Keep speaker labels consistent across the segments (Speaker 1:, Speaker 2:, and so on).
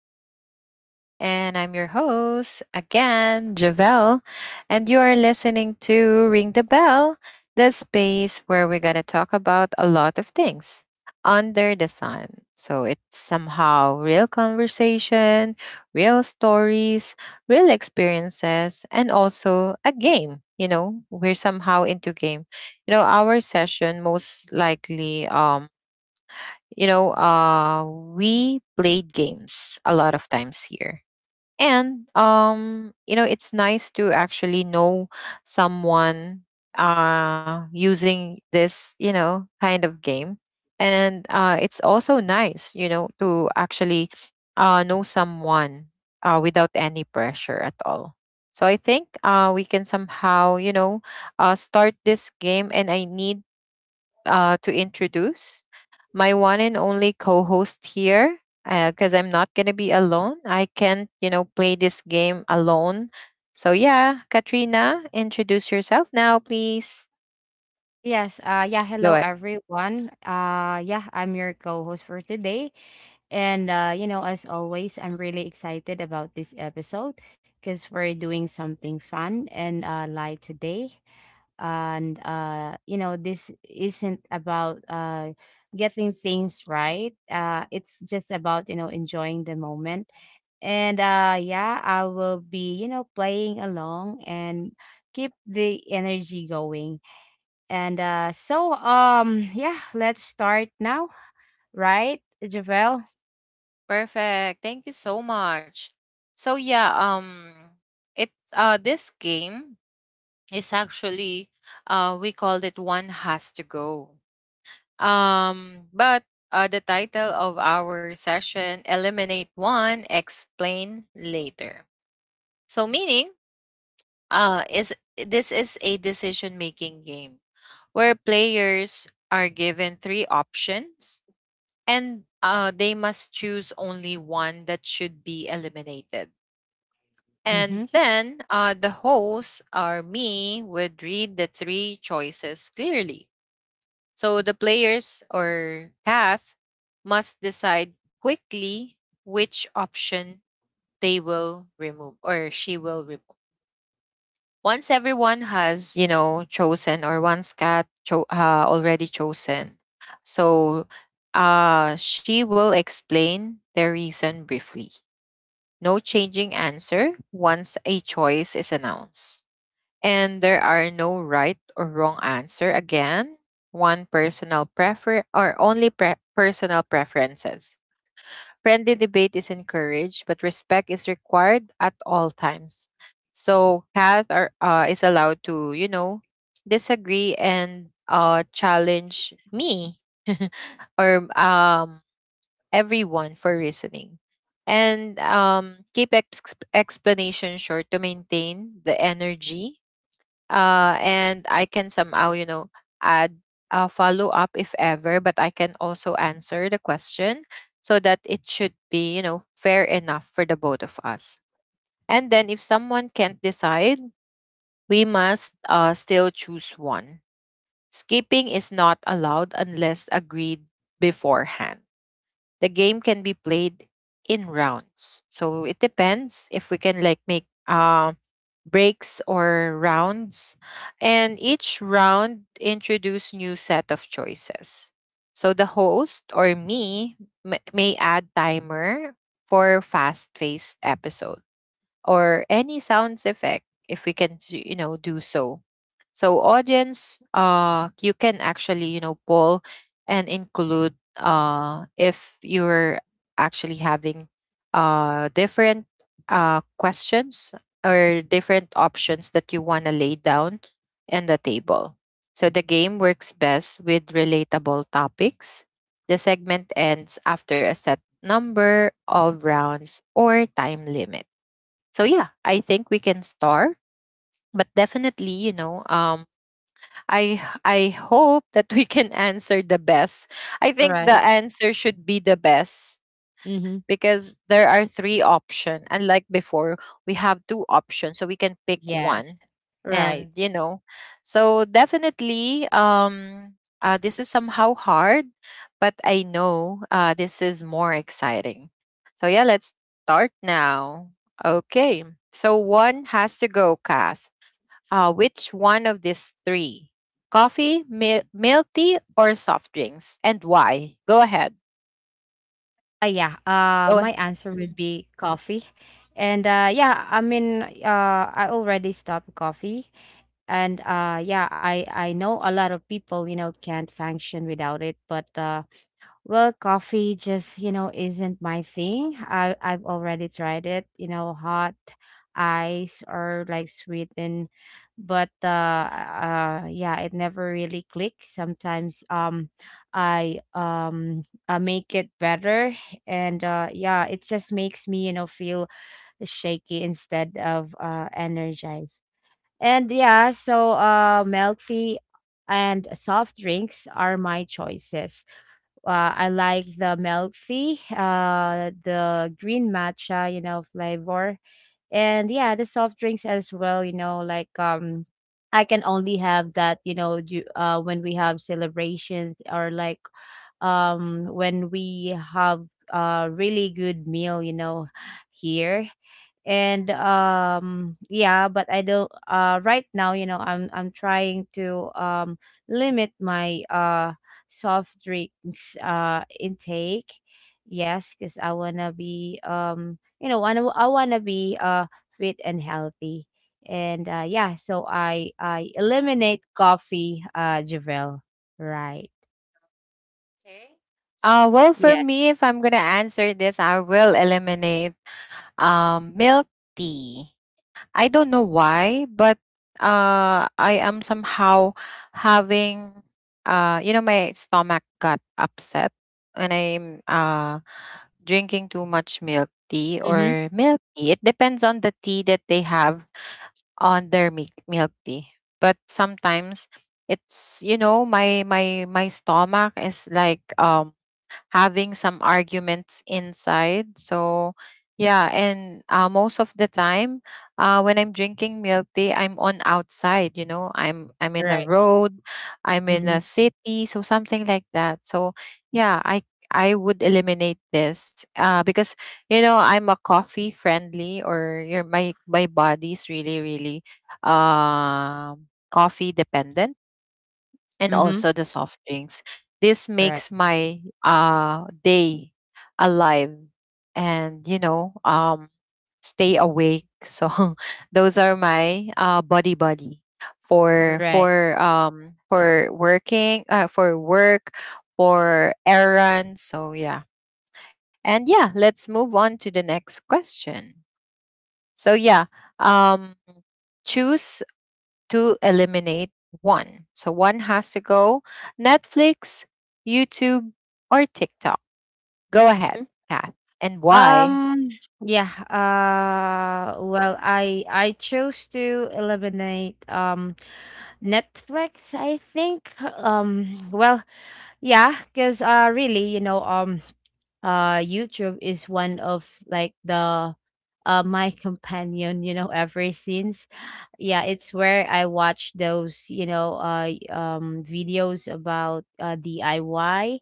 Speaker 1: back to the show. And I'm your host again, Javelle. And you are listening to Ring the Bell, the space where we're going to talk about a lot of things under the sun. So it's somehow real conversation, real stories, real experiences, and also a game. You know, we're somehow into game. You know, our session most likely we played games a lot of times here. And it's nice to actually know someone using this, kind of game. And it's also nice, to actually know someone without any pressure at all. So I think we can somehow, start this game, and I need to introduce my one and only co-host here, because I'm not gonna be alone. I can't, play this game alone. So yeah, Katrina, introduce yourself now, please.
Speaker 2: Yes,
Speaker 1: Go
Speaker 2: hello
Speaker 1: ahead.
Speaker 2: everyone. Yeah, I'm your co-host for today. As always, I'm really excited about this episode because we're doing something fun and light today. This isn't about getting things right. It's just about, you know, enjoying the moment. I will be, you know, playing along and keep the energy going. Yeah, let's start now, right, Javel?
Speaker 1: Perfect. Thank you so much. So yeah, it this game is actually we called it One Has to Go. But the title of our session, Eliminate One, Explain Later. So, meaning, is this is a decision making game where players are given three options, and they must choose only one that should be eliminated. And
Speaker 2: Mm-hmm.
Speaker 1: then the host or me would read the three choices clearly. So the players or path must decide quickly which option they will remove or she will remove. Once everyone has, chosen, or once already chosen, so she will explain the reason briefly. No changing answer once a choice is announced. And there are no right or wrong answer. Again, one personal prefer or only pre- personal preferences. Friendly debate is encouraged, but respect is required at all times. So Kath is allowed to, disagree and challenge me or everyone for reasoning, and keep explanation short to maintain the energy, and I can somehow, add a follow up if ever, but I can also answer the question so that it should be, fair enough for the both of us. And then if someone can't decide, we must still choose one. Skipping is not allowed unless agreed beforehand. The game can be played in rounds. So it depends if we can like make breaks or rounds. And each round introduce new set of choices. So the host or me may add timer for fast-paced episodes, or any sounds effect if we can do so, so audience, you can actually, poll and include if you're actually having different questions or different options that you want to lay down in the table. So the game works best with relatable topics. The segment ends after a set number of rounds or time limit. So yeah, I think we can start, but definitely, you know, I hope that we can answer the best. I think the
Speaker 2: Right.
Speaker 1: answer should be the best,
Speaker 2: Mm-hmm.
Speaker 1: because there are three options. Unlike before, we have two options so we can pick
Speaker 2: Yes.
Speaker 1: one,
Speaker 2: Right.
Speaker 1: and you know, so definitely this is somehow hard, but I know this is more exciting. So yeah, let's start now. Okay. So one has to go, Kath, which one of these three, coffee, milk tea, or soft drinks, and why? Go ahead.
Speaker 2: Yeah.
Speaker 1: Go ahead.
Speaker 2: My answer would be coffee, and yeah. I mean, I already stopped coffee, and yeah. I know a lot of people, you know, can't function without it, but well, coffee just, you know, isn't my thing. I've already tried it, you know, hot, ice or like sweetened, but yeah, it never really clicks. Sometimes I make it better, and yeah, it just makes me, you know, feel shaky instead of energized. And yeah, so milky and soft drinks are my choices. I like the milky, the green matcha, you know, flavor, and yeah, the soft drinks as well. You know, I can only have that, you know, when we have celebrations or when we have a really good meal, you know, here. And Yeah, but I don't right now, you know, I'm trying to limit my soft drinks intake. Yes, because I want to be, I want to be fit and healthy. And yeah, so I eliminate coffee, Javel, right?
Speaker 1: Okay. Well, for
Speaker 2: Yes.
Speaker 1: me, if I'm gonna answer this, I will eliminate milk tea. I don't know why, but I am somehow having, my stomach got upset when I'm drinking too much milk tea
Speaker 2: Mm-hmm.
Speaker 1: or milk tea. It depends on the tea that they have on their milk tea. But sometimes it's, you know, my my stomach is like having some arguments inside. So, yeah, and most of the time, when I'm drinking milk tea, I'm on outside. You know, I'm in a
Speaker 2: Right.
Speaker 1: road, I'm in a
Speaker 2: Mm-hmm.
Speaker 1: city, so something like that. So, yeah, I would eliminate this because you know I'm a coffee friendly, or your my body's really really um coffee dependent, and
Speaker 2: Mm-hmm.
Speaker 1: also the soft drinks. This
Speaker 2: Right.
Speaker 1: makes my day alive and, you know, stay awake. So those are my uh, body for
Speaker 2: Right.
Speaker 1: working, for work, for errands. So yeah, and yeah, let's move on to the next question. So yeah, um choose to eliminate one. So one has to go, Netflix, YouTube, or TikTok. Go ahead, Kath. And why?
Speaker 2: Um, I chose to eliminate Netflix, I think. Well, yeah, because really, you know, YouTube is one of like the my companion, you know, ever since. Yeah, it's where I watch those, you know, videos about DIY.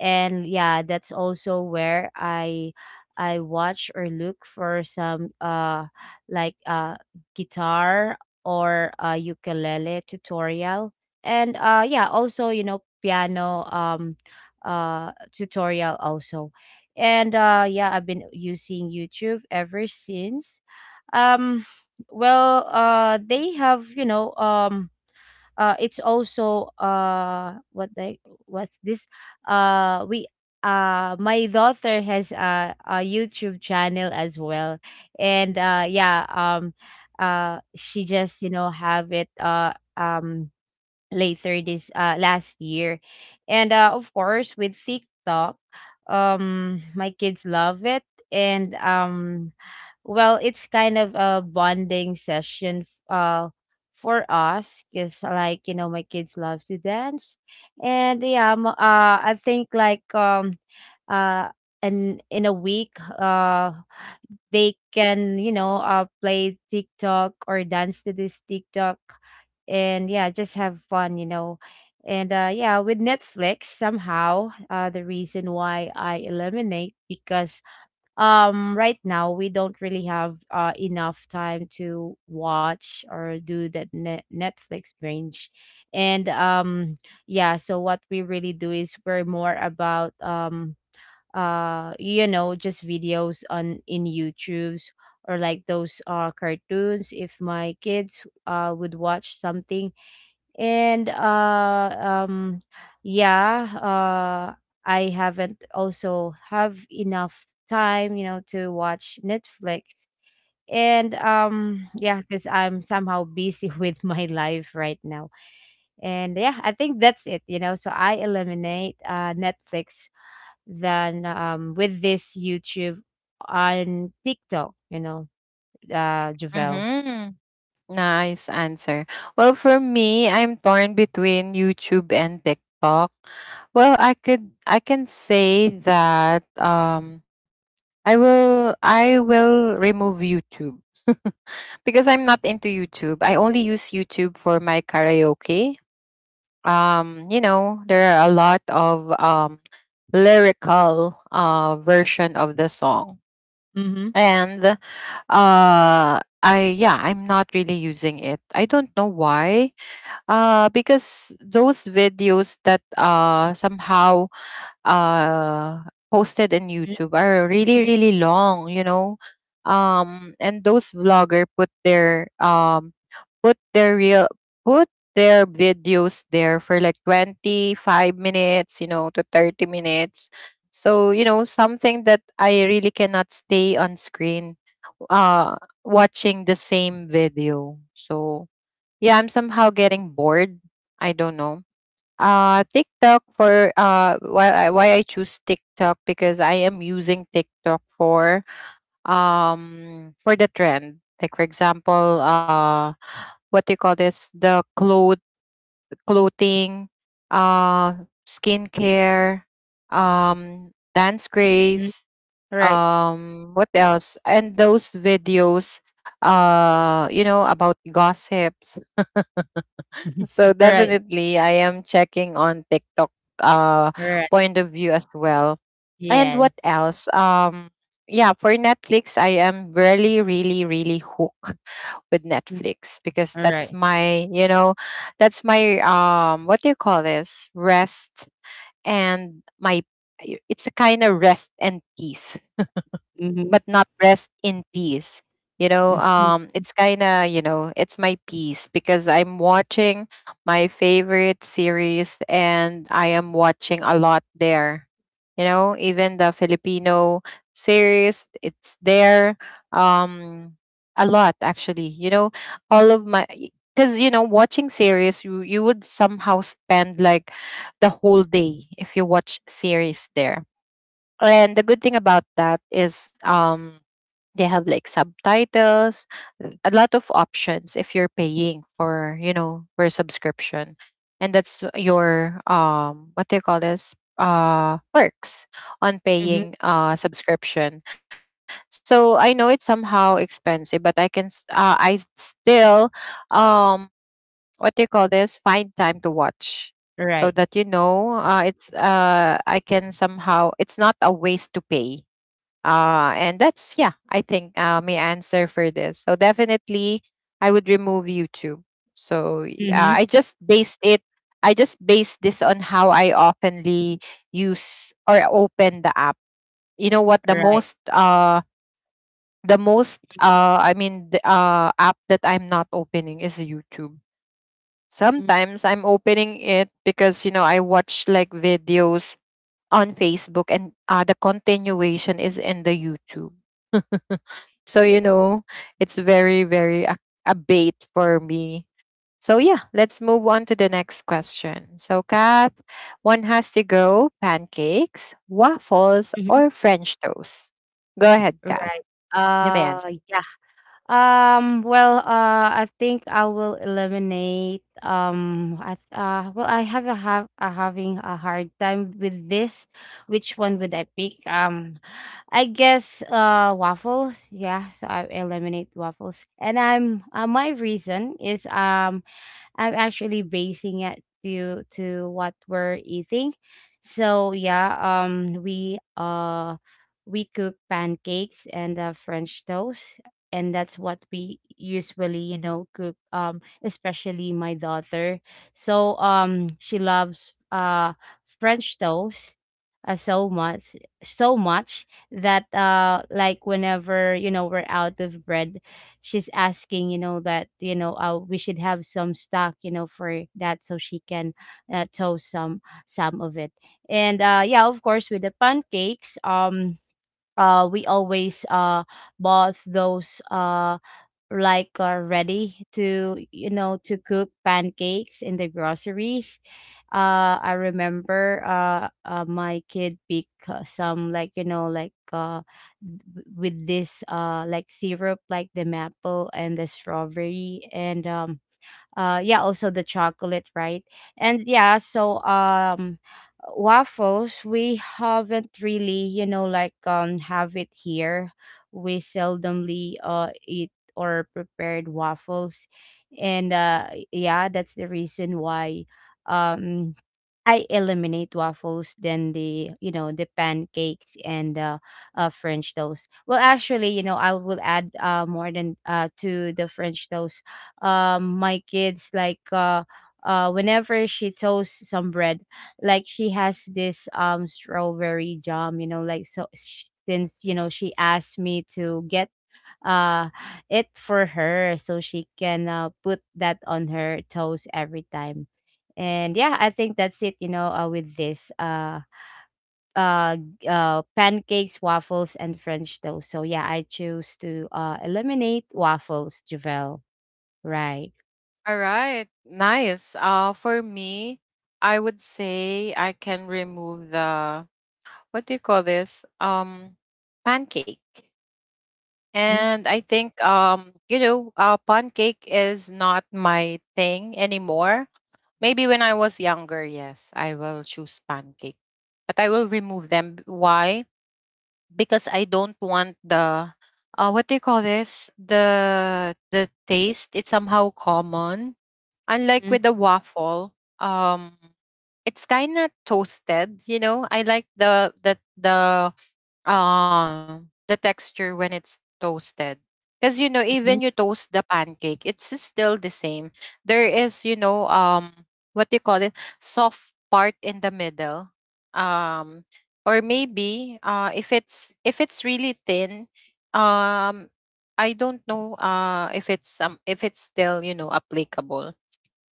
Speaker 2: And yeah, that's also where I watch or look for some like uh guitar or ukulele tutorial. And yeah, also, you know, piano, tutorial also. And yeah, I've been using YouTube ever since. um they have, you know, it's also what they what's this we my daughter has a YouTube channel as well. And yeah She just, you know, have it later this last year. And of course, with TikTok, my kids love it. And Well, it's kind of a bonding session uh for us because, like, you know, my kids love to dance. And yeah I think like uh and in a week, uh they can, you know, play TikTok or dance to this TikTok and yeah, just have fun, you know. And yeah, with Netflix, somehow the reason why I eliminate because right now we don't really have enough time to watch or do that Netflix binge. And yeah, so what we really do is we're more about, you know, just videos on, in YouTubes, or like those cartoons if my kids would watch something. And uh um yeah, I haven't also have enough time, you know, to watch Netflix. And yeah, cuz I'm somehow busy with my life right now. And yeah, I think that's it, you know. So I eliminate Netflix than with this YouTube on TikTok, you know, Javel.
Speaker 1: Mm-hmm. Nice answer. Well, for me, I'm torn between YouTube and TikTok. Well, I can say that um, I will remove YouTube because I'm not into YouTube. I only use YouTube for my karaoke. You know, there are a lot of lyrical version of the song,
Speaker 2: Mhm.
Speaker 1: and I yeah, I'm not really using it. I don't know why, because those videos that somehow uh posted in YouTube are really long, you know. And those vlogger put their real put their videos there for like 25 minutes, you know, to 30 minutes. So, you know, something that I really cannot stay on screen uh watching the same video. So, yeah, I'm somehow getting bored. I don't know. TikTok, for why I choose TikTok, because I am using TikTok for the trend. Like for example, what do you call this? The clothing, skincare, dance
Speaker 2: Mhm.
Speaker 1: craze,
Speaker 2: Right.
Speaker 1: what else? And those videos you know about gossips. So
Speaker 2: Right.
Speaker 1: definitely I am checking on TikTok uh
Speaker 2: Right.
Speaker 1: point of view as well. And
Speaker 2: Yes.
Speaker 1: what else? Yeah, for Netflix, I am really hooked with Netflix because that's
Speaker 2: Alright.
Speaker 1: my, you know, that's my what do you call this? Rest, and my it's a kind of rest and peace,
Speaker 2: Mhm.
Speaker 1: but not rest in peace. You know,
Speaker 2: Mhm.
Speaker 1: it's kind of, you know, it's my peace because I'm watching my favorite series, and I am watching a lot there. You know, even the Filipino series, it's there. Um, a lot actually. You know, all of my, because you know, watching series, you would somehow spend like the whole day if you watch series there. And the good thing about that is they have like subtitles, a lot of options if you're paying for, you know, for a subscription. And that's your what do you call this? Perks on
Speaker 2: Mhm.
Speaker 1: paying subscription. So I know it's somehow expensive, but I still um what do you call this? Find time to watch, so
Speaker 2: Right.
Speaker 1: that you know it's I can somehow, it's not a waste to pay, and that's, yeah, I think my answer for this. So definitely, I would remove YouTube. So
Speaker 2: Mhm.
Speaker 1: I just based it. I just based this on how I oftenly use or open the app. You know what?
Speaker 2: Right.
Speaker 1: The most I mean, the app that I'm not opening is YouTube.
Speaker 2: Mm,
Speaker 1: Sometimes I'm opening it because you know I watch like videos on Facebook, and the continuation is in the YouTube. So, you know, it's very, very a bait for me. So, yeah, let's move on to the next question. So, Kath, one has to go, pancakes, waffles,
Speaker 2: mhm.
Speaker 1: or French toast. Go ahead, Kath.
Speaker 2: Right.
Speaker 1: You may answer.
Speaker 2: Uh, yeah. I think I will eliminate, well, I have a having a hard time with this. Which one would I pick? I guess, waffles. Yeah, so I eliminate waffles. And my reason is, I'm actually basing it to what we're eating. So yeah, we cook pancakes and French toast, and that's what we usually, you know, cook, especially my daughter. So she loves French toast so much, so much that like, whenever, you know, we're out of bread, she's asking, you know, that you know, we should have some stock, you know, for that so she can tow some of it. And yeah, of course, with the pancakes, we always bought those like are ready to, you know, to cook pancakes in the groceries. I remember My kid pick, some, like, you know, with this like syrup, like the maple and the strawberry, and yeah, also the chocolate, right? And yeah, so waffles, we haven't really, you know, have it here. We seldomly eat or prepared waffles. And yeah, that's the reason why, um I eliminate waffles, then the, you know, the pancakes and French toast. Well, actually, you know, I will add more than to the French toast. My kids like whenever she toasts some bread, like she has this strawberry jam, you know, like so. Since, you know, she asked me to get uh it for her so she can, put that on her toes every time. And yeah, I think that's it, you know, with this pancakes, waffles and French toast. So yeah, I choose to eliminate waffles, Javel, right?
Speaker 1: All right, nice. For me, I would say I can remove the, what do you call this? Pancake. And I think you know, pancake is not my thing anymore. Maybe when I was younger, yes, I will choose pancake. But I will remove them. Why? Because I don't want the what do you call this? The taste. It's somehow common. Unlike
Speaker 2: Mm-hmm.
Speaker 1: with the waffle, um it's kinda toasted, you know. I like the texture when it's toasted, because you know, even you
Speaker 2: Hmm.
Speaker 1: toast the pancake, it's still the same. There is, you know, what do you call it, soft part in the middle, um or maybe if it's, if it's really thin, um I don't know if it's, if it's still, you know, applicable.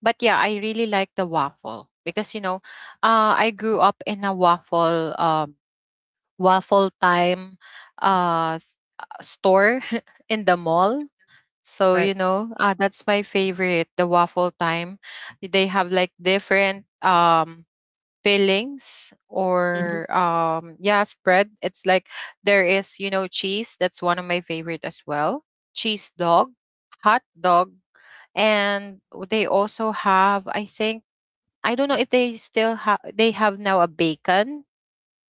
Speaker 1: But yeah, I really like the waffle, because you know, I grew up in a waffle, waffle time, uh store in the mall. So,
Speaker 2: Right.
Speaker 1: you know, that's my favorite, the waffle time. They have like different fillings
Speaker 2: Hmm.
Speaker 1: or yeah, spread. It's like there is, you know, cheese. That's one of my favorite as well. Cheese dog, hot dog, and they also have I think I don't know if they still have they have now a bacon.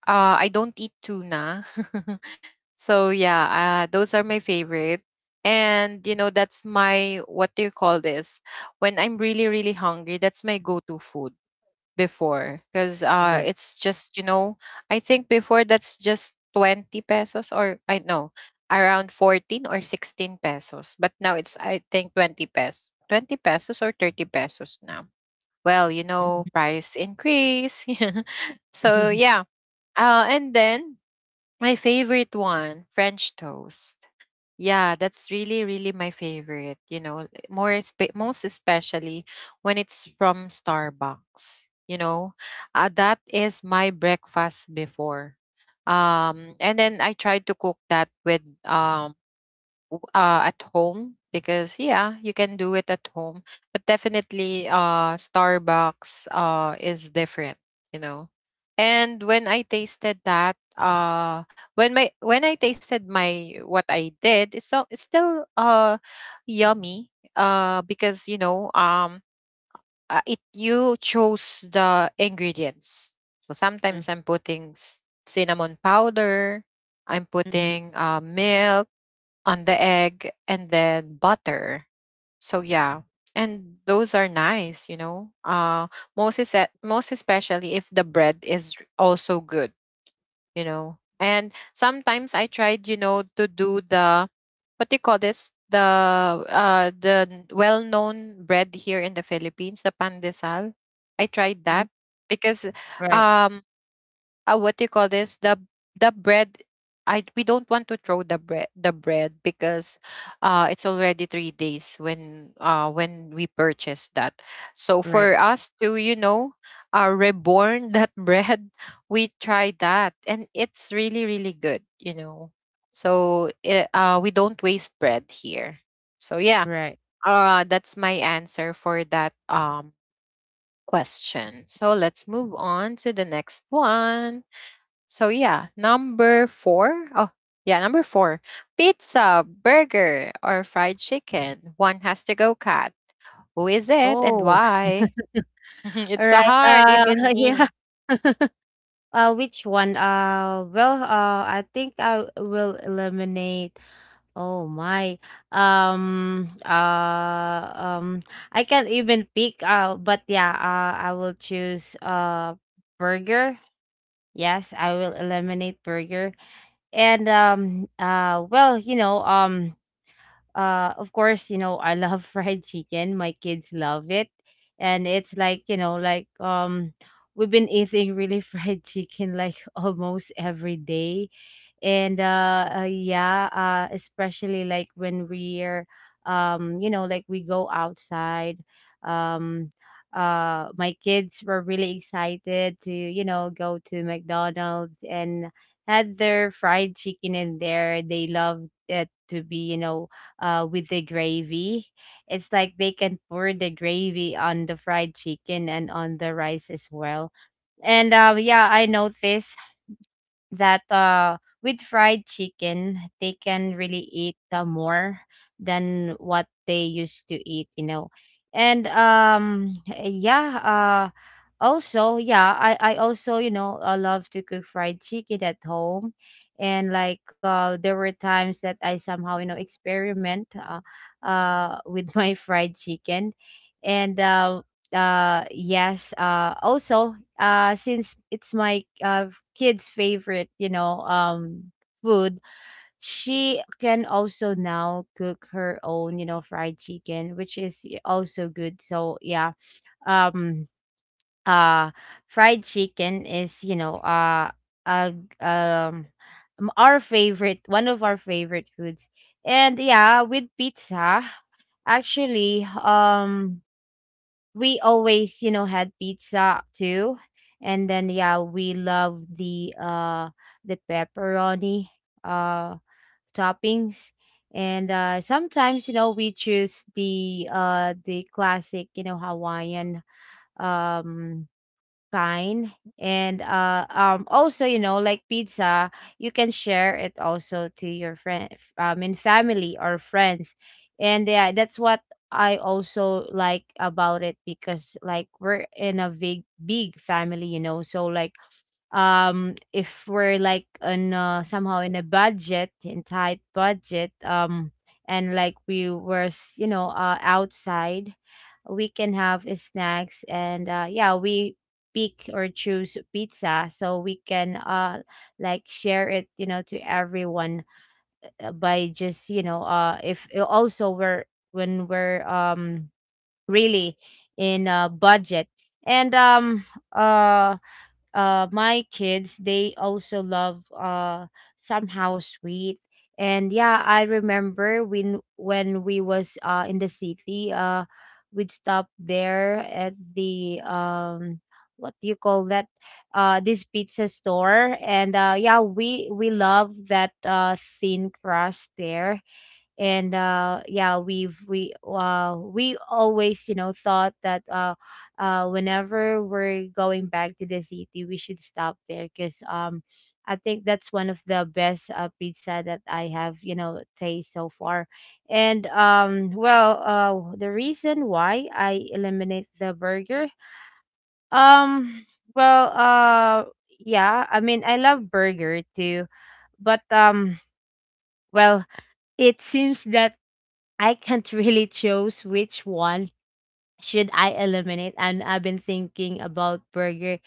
Speaker 1: I don't eat tuna. So those are my favorite. And you know, that's my, what do you call this? When I'm really, really hungry, that's my go-to food before. Because
Speaker 2: Right.
Speaker 1: it's just, you know, I think before that's just 20 pesos or I know around 14 or 16 pesos. But now it's I think 20 pesos. 20 pesos or 30 pesos now. Well, you know,
Speaker 2: Mhm.
Speaker 1: price increase. so
Speaker 2: Mhm.
Speaker 1: yeah and then my favorite one, French toast. Yeah, that's really, really my favorite. You know, more most especially when it's from Starbucks. That is my breakfast before. And then I tried to cook that with at home because yeah, you can do it at home, but definitely Starbucks is different, you know. And when I tasted that, when I tasted my what I did it's still yummy, because you know, it, you chose the ingredients. So sometimes I'm putting cinnamon powder, I'm
Speaker 2: Mhm.
Speaker 1: putting milk on the egg and then butter. So yeah, and those are nice, you know. Most is Most especially if the bread is also good, you know. And sometimes I tried, you know, to do the, what do you call this? The well-known bread here in the Philippines, the pandesal. I tried
Speaker 2: Mhm.
Speaker 1: that because
Speaker 2: Right.
Speaker 1: um what do you call this, the bread, I we don't want to throw the bread because it's already 3 days when we purchased that. So
Speaker 2: Right.
Speaker 1: for us to, you know, reborn that bread, we try that and it's really, really good, you know. So we don't waste bread here. So yeah,
Speaker 2: Right.
Speaker 1: that's my answer for that question. So let's move on to the next one. So yeah, number four. Oh, yeah, number four. Pizza, burger, or fried chicken. One has to go, Cat. Who is it and
Speaker 2: Oh,
Speaker 1: why? It's
Speaker 2: all
Speaker 1: so
Speaker 2: right
Speaker 1: hard, even me.
Speaker 2: yeah Which one? I think I will eliminate. Oh my. Um, uh, um, I can't even pick. But yeah, I will choose burger. Yes, I will eliminate burger. And Well, you know, of course, you know, I love fried chicken, my kids love it, and it's like, you know, we've been eating really fried chicken like almost every day. And yeah, especially like when we're you know, like we go outside. um my kids were really excited to, you know, go to McDonald's and had their fried chicken in there. They loved it to be, you know, with the gravy. It's like they can pour the gravy on the fried chicken and on the rice as well. And yeah, I noticed that, with fried chicken, they can really eat, more than what they used to eat, you know. And Yeah, also, yeah, I also, you know, I love to cook fried chicken at home. And there were times that I somehow, you know, experiment, with my fried chicken. And yes, also since it's my kid's favorite, you know, food, she can also now cook her own, you know, fried chicken, which is also good. So yeah, um uh fried chicken is, you know, uh um our favorite, one of our favorite foods. And yeah, with pizza, actually, we always, you know, had pizza too. And then yeah, we love the pepperoni uh toppings. And sometimes, we choose the classic, you know, Hawaiian um kind. And also, you know, like pizza, you can share it also to your friend, in family or friends. And yeah, that's what I also like about it, because like we're in a big big family, you know, so like, if we're like on somehow in a budget, in tight budget, and like you know, outside, we can have snacks, and yeah, we pick or choose pizza so we can like share it, you know, to everyone, by just, you know, if also we're when we're really in a budget. And uh my kids, they also love somehow sweet. And yeah, I remember when we was in the city. We'd stop there at the what do you call that, this pizza store, and yeah, we love that thin crust there. And yeah, we always, you know, thought that whenever we're going back to the city we should stop there, because I think that's one of the best pizza that I have, you know, taste so far. And the reason why I eliminate the burger, um well uh yeah, I mean, I love burger too, but well it seems that I can't really choose which one should I eliminate, and I've been thinking about burger.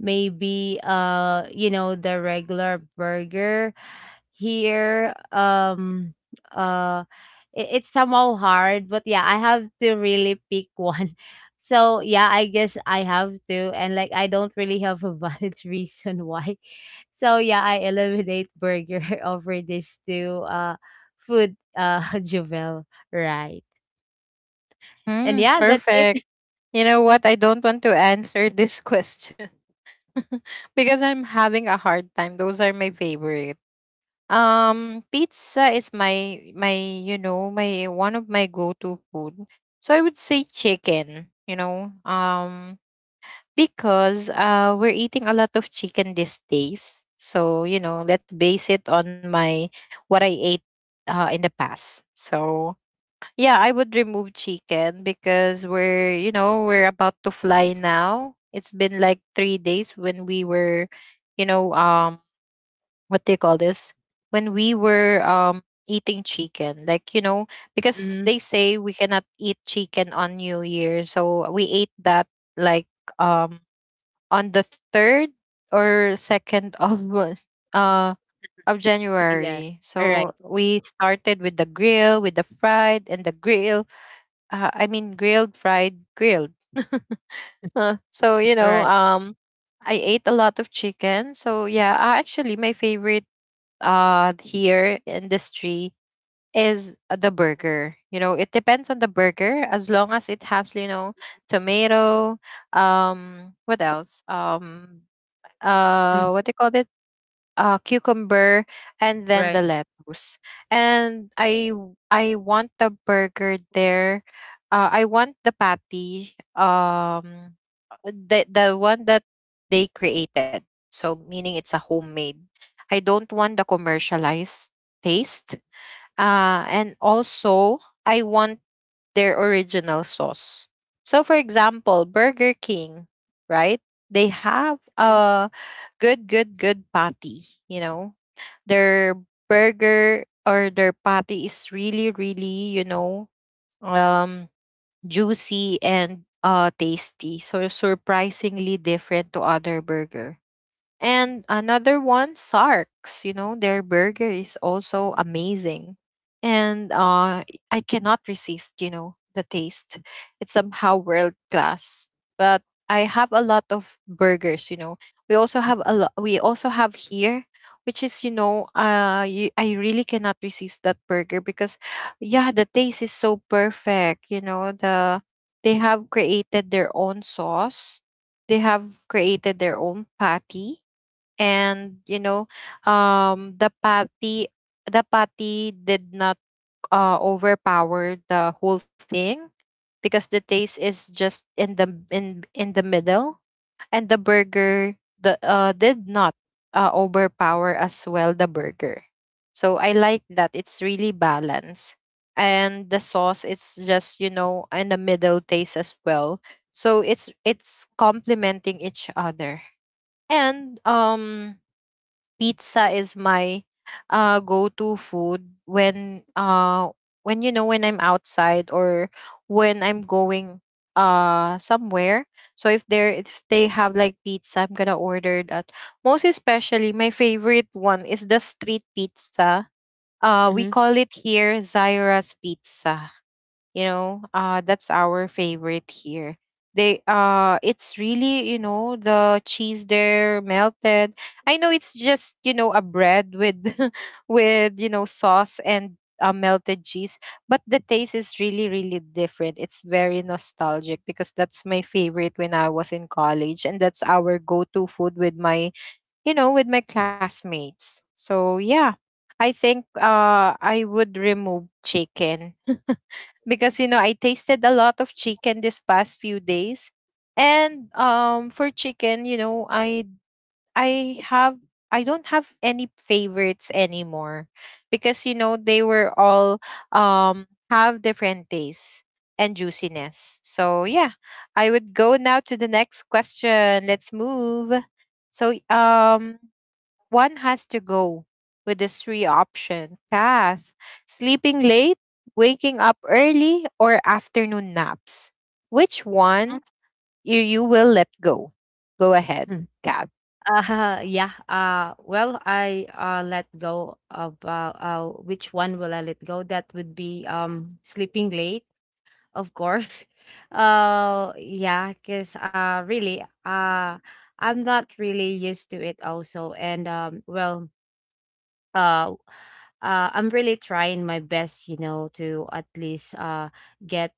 Speaker 2: Maybe you know, the regular burger here. Uh it's somehow hard, but yeah, I have to really pick one so yeah, I guess I have to, and like I don't really have a valid reason why. So yeah, I eliminate burger over these two food Jovel, right? And
Speaker 1: Hmm.
Speaker 2: yeah, that's it.
Speaker 1: Perfect. You know what? I don't want to answer this question because I'm having a hard time. Those are my favorite. Pizza is my you know, my one of my go to food. So I would say chicken. Because we're eating a lot of chicken these days. So, you know, let's base it on my what I ate in the past. So, yeah, I would remove chicken because we're, you know, we're about to fly now. It's been like 3 days when we were, you know, what do you call this? When we were eating chicken, like you know, because
Speaker 2: Mhm.
Speaker 1: they say we cannot eat chicken on New Year, so we ate that like um on the third or second of uh of
Speaker 2: Yeah.
Speaker 1: January.
Speaker 2: Alright,
Speaker 1: So we started with the grill, with the fried and the grill. I mean grilled, fried, grilled. Huh. So you know,
Speaker 2: alright.
Speaker 1: I ate a lot of chicken. So yeah, actually my favorite here industry is the burger. You know, it depends on the burger, as long as it has you know, tomato. What else?
Speaker 2: Mm,
Speaker 1: What do you call it, cucumber, and then
Speaker 2: right.
Speaker 1: the lettuce. And I want the burger there. I want the patty, the one that they created, so meaning it's a homemade. I don't want the commercialized taste. And also I want their original sauce. So, for example, Burger King, right? They have
Speaker 2: Mhm,
Speaker 1: a good patty. You know, their burger or their patty is really, really, you know, um, juicy and tasty. So surprisingly different to other burger. And another one, Sark's, you know, their burger is also amazing. And I cannot resist, you know, the taste. It's somehow world class. But I have a lot of burgers, you know. We also have here, which is, you know, I really cannot resist that burger because, yeah, the taste is so perfect, you know, the, they have created their own sauce. They have created their own patty. And you know, um the patty the patty did not overpower the whole thing, because the taste is just in the middle, and the did not overpower as well the burger. So I like that, it's really balanced. And the sauce, it's just, you know, in the middle taste as well. So it's complementing each other. And Pizza is my go-to food when you know, when I'm outside or when I'm going somewhere. So if there if they have like pizza, I'm gonna order that. Most especially my favorite one is the street pizza. We
Speaker 2: mhm.
Speaker 1: call it here Zaira's pizza, you know. That's our favorite here. They It's really, you know, the cheese there melted. I know it's just, you know, a bread with with, you know, sauce and melted cheese, but the taste is really, really different. It's very nostalgic, because that's my favorite when I was in college, and that's our go-to food with my, you know, with my classmates. So yeah, I think I would remove chicken because you know, I tasted a lot of chicken this past few days. And for chicken, you know, I have I don't have any favorites anymore, because you know, they were all have different tastes and juiciness. So yeah, I would go now to the next question. Let's move. So one has to go with the three option path: sleeping late, waking up early, or afternoon naps. Which one you will let go? Go ahead,
Speaker 2: Mm.
Speaker 1: Kath.
Speaker 2: Uh, yeah, well, let go of, which one will I let go? That would be, sleeping late, of course. Yeah, cause really, I'm not really used to it also. And, uh I'm really trying my best, you know, to at least get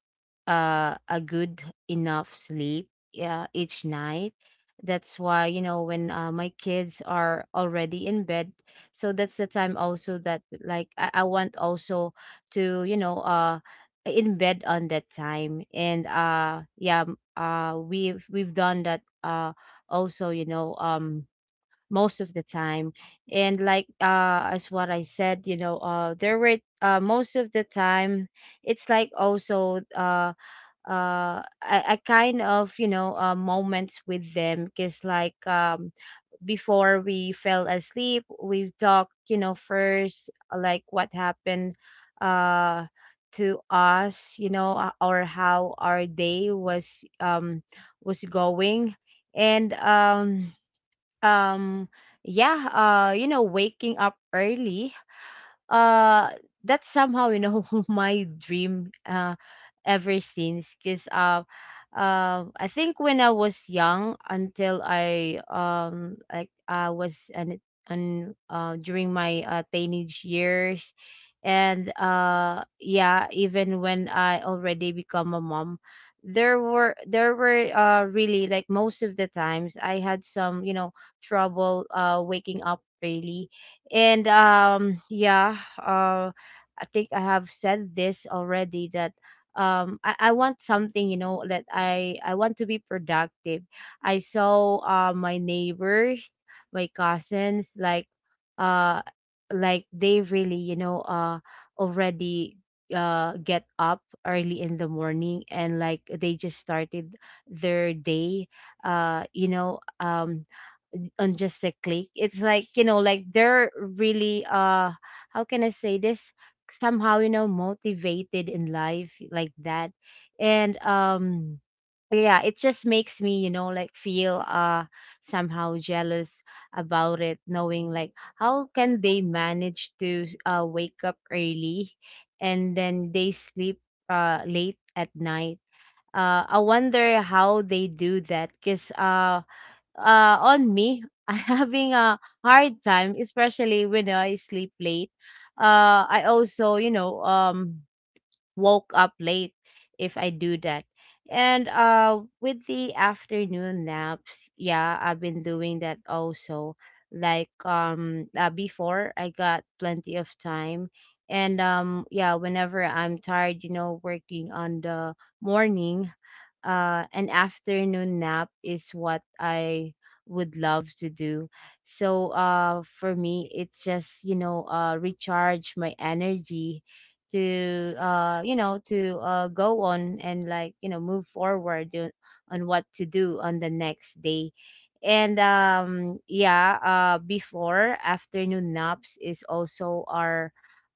Speaker 2: a good enough sleep, yeah, each night. That's why, you know, when my kids are already in bed, so that's the time also that like I want also to, you know, in bed on that time. And yeah, we've done that also, you know, most of the time. And like, as what I said, you know, there were most of the time, it's like also a kind of, you know, moments with them, because like before we fell asleep we've talked, you know, first like what happened uh to us, you know, or how our day was, was going. And um, yeah, you know, waking up early, uh that's somehow, you know, my dream ever since, because I think when I was young until I like I was an during my teenage years. And yeah, even when I already become a mom, there were really, like, most of the times I had some, you know, trouble waking up early. And yeah, I think I have said this already that I want something, you know, that I want to be productive. I saw my neighbors, my cousins, uh like they really, you know, already get up early in the morning, and like they just started their day, you know, on just a click. It's like, you know, like they're really how can I say this? Somehow, you know, motivated in life like that. And yeah, it just makes me, you know, like feel somehow jealous about it, knowing like how can they manage to wake up early and then they sleep late at night. I wonder how they do that, because on me, I having a hard time, especially when I sleep late. I also, you know, woke up late if I do that. And with the afternoon naps, yeah, I've been doing that also. Like, before, I got plenty of time. And yeah, whenever I'm tired, you know, working on the morning, an afternoon nap is what I would love to do. So for me, it's just, you know, recharge my energy to you know, to go on, and like, you know, move forward on what to do on the next day. And yeah, before, afternoon naps is also our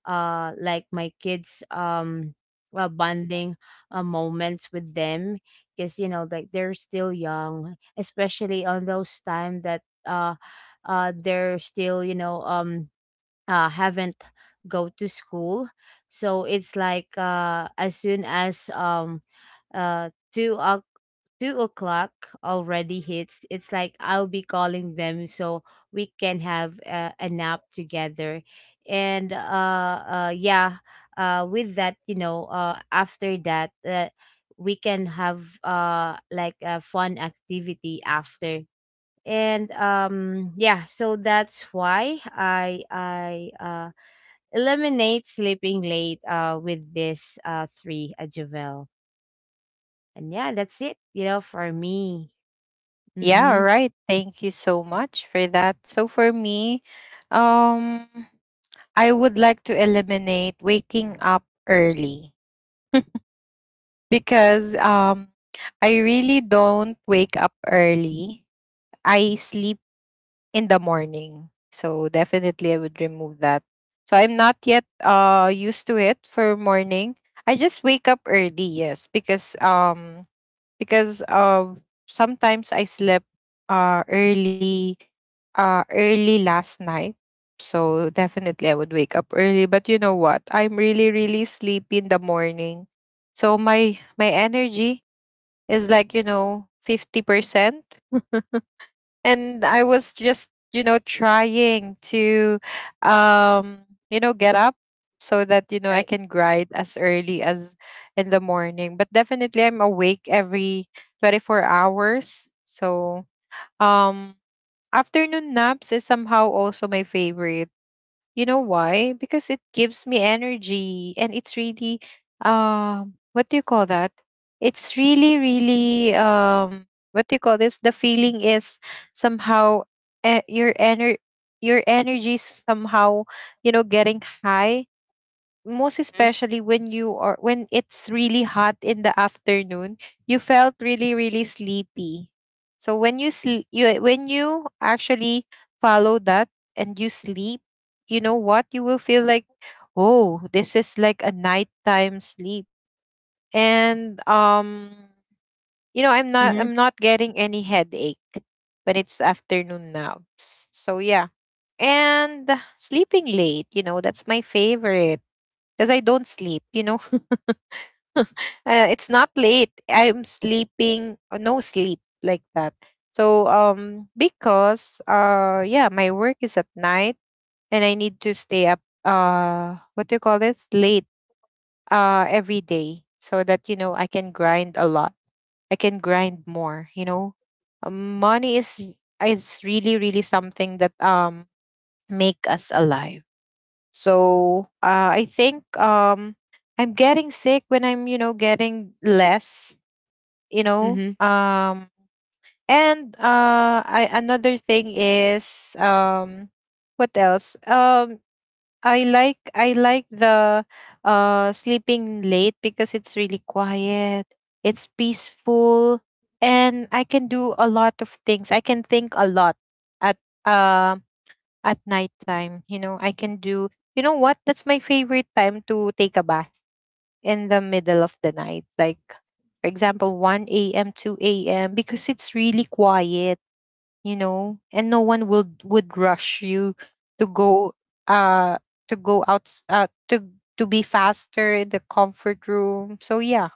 Speaker 2: like my kids well bonding moments with them, because you know like they're still young, especially on those time that they're still, you know, haven't go to school. So it's like, as soon as uh, two o- 2 o'clock already hits, it's like I'll be calling them so we can have a nap together. And yeah, with that, you know, after that, we can have like a fun activity after. And yeah, so that's why I eliminate sleeping late with this three adjuvel. And yeah, that's it, you know, for me.
Speaker 1: Yeah,
Speaker 2: Mm-hmm.
Speaker 1: all right. Thank you so much for that. So for me, um, I would like to eliminate waking up early because I really don't wake up early. I sleep in the morning. So definitely I would remove that. So I'm not yet used to it for morning. I just wake up early, yes, because of sometimes I slept uh early uh early last night. So definitely I would wake up early, but you know what? I'm really, really sleepy in the morning. So my energy is like, you know, 50%. And I was just, you know, trying to um you know, get up so that you know, I
Speaker 2: Right.
Speaker 1: can grind as early as in the morning. But definitely I'm awake every 24 hours. So um afternoon naps is somehow also my favorite. You know why? Because it gives me energy, and it's really what do you call that? It's really, really what do you call this? The feeling is somehow eh, your ener your energy is somehow, you know, getting high, most
Speaker 2: Mm-hmm.
Speaker 1: especially when you are when it's really hot in the afternoon. You felt really, really sleepy. So when you actually follow that and you sleep, you know what you will feel like? Oh, this is like a nighttime sleep. And you know,
Speaker 2: Mm-hmm,
Speaker 1: I'm not getting any headache when it's afternoon naps. So yeah. And sleeping late, you know, that's my favorite, because I don't sleep, you know. uh, it's not late. I'm sleeping, no sleep like that. So because yeah, my work is at night, and I need to stay up, what do you call this? Late every day, so that you know, I can grind a lot. I can grind more, you know. Money is really, really something that make us alive. So I think I'm getting sick when I'm, you know, getting less, you
Speaker 2: mm-hmm.
Speaker 1: know. Another thing is, what else? I like the sleeping late because it's really quiet. It's peaceful, and I can do a lot of things. I can think a lot at uh at nighttime. You know, I can do, you know what? That's my favorite time to take a bath in the middle of the night. Like for example, 1 a.m., 2 a.m., because it's really quiet, you know, and no one would rush you to go uh out, to be faster in the comfort room. So yeah,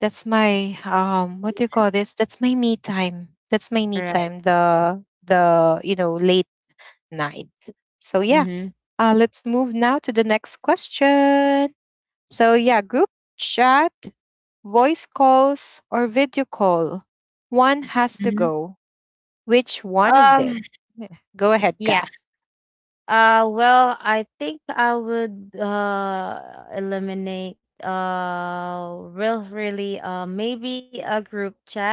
Speaker 1: that's my, what do you call this, that's my me time.
Speaker 2: all right
Speaker 1: The, you know, late night. So yeah,
Speaker 2: mm-hmm,
Speaker 1: let's move now to the next question. So yeah, group chat, voice calls, or video call, one has to
Speaker 2: mm-hmm.
Speaker 1: go. Which one of
Speaker 2: um
Speaker 1: this? Yeah. Go ahead,
Speaker 2: yeah,
Speaker 1: Kath.
Speaker 2: well, I think I would eliminate really maybe a group chat.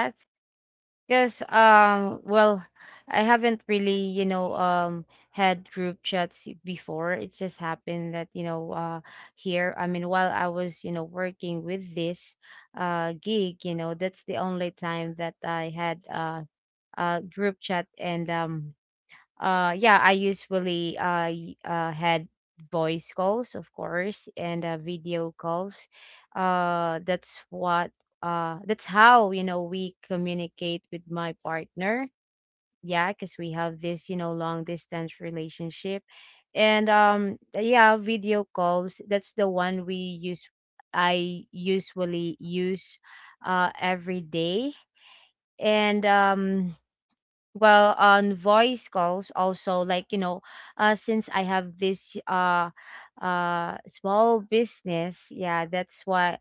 Speaker 2: Because I haven't really, you know, had group chats before. It just happened that, you know, here, I mean, while I was, you know, working with this gig, you know, that's the only time that I had a group chat. And yeah, I usually had voice calls, of course, and video calls. That's what that's how, you know, we communicate with my partner, yeah, because we have this, you know, long distance relationship. And yeah, video calls, that's the one we use, I usually use, every day. And well, on voice calls also, like, you know, since I have this small business, yeah, that's why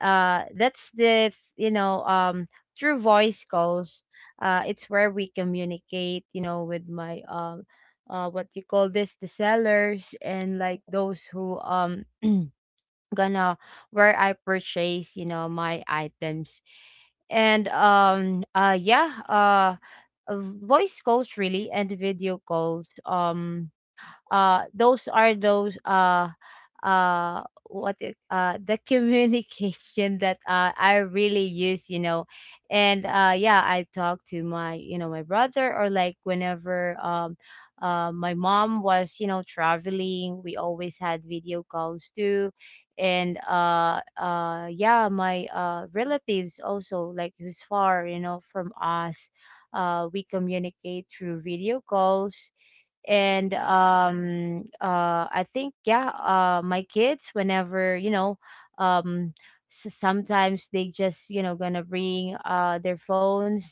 Speaker 2: that's the you know, through voice calls, it's where we communicate, you know, with my what you call this, the sellers, and like those who gonna, where I purchase, you know, my items. And yeah, voice calls really, and video calls, those are those uh, what it, the communication that I really use, you know. And yeah, I talk to my, you know, my brother, or like, whenever, my mom was, you know, traveling, we always had video calls too. And yeah, my relatives also, like, who's far, you know, from us. We communicate through video calls. And I think, yeah, my kids, whenever, you know, um sometimes they just, you know, gonna bring their phones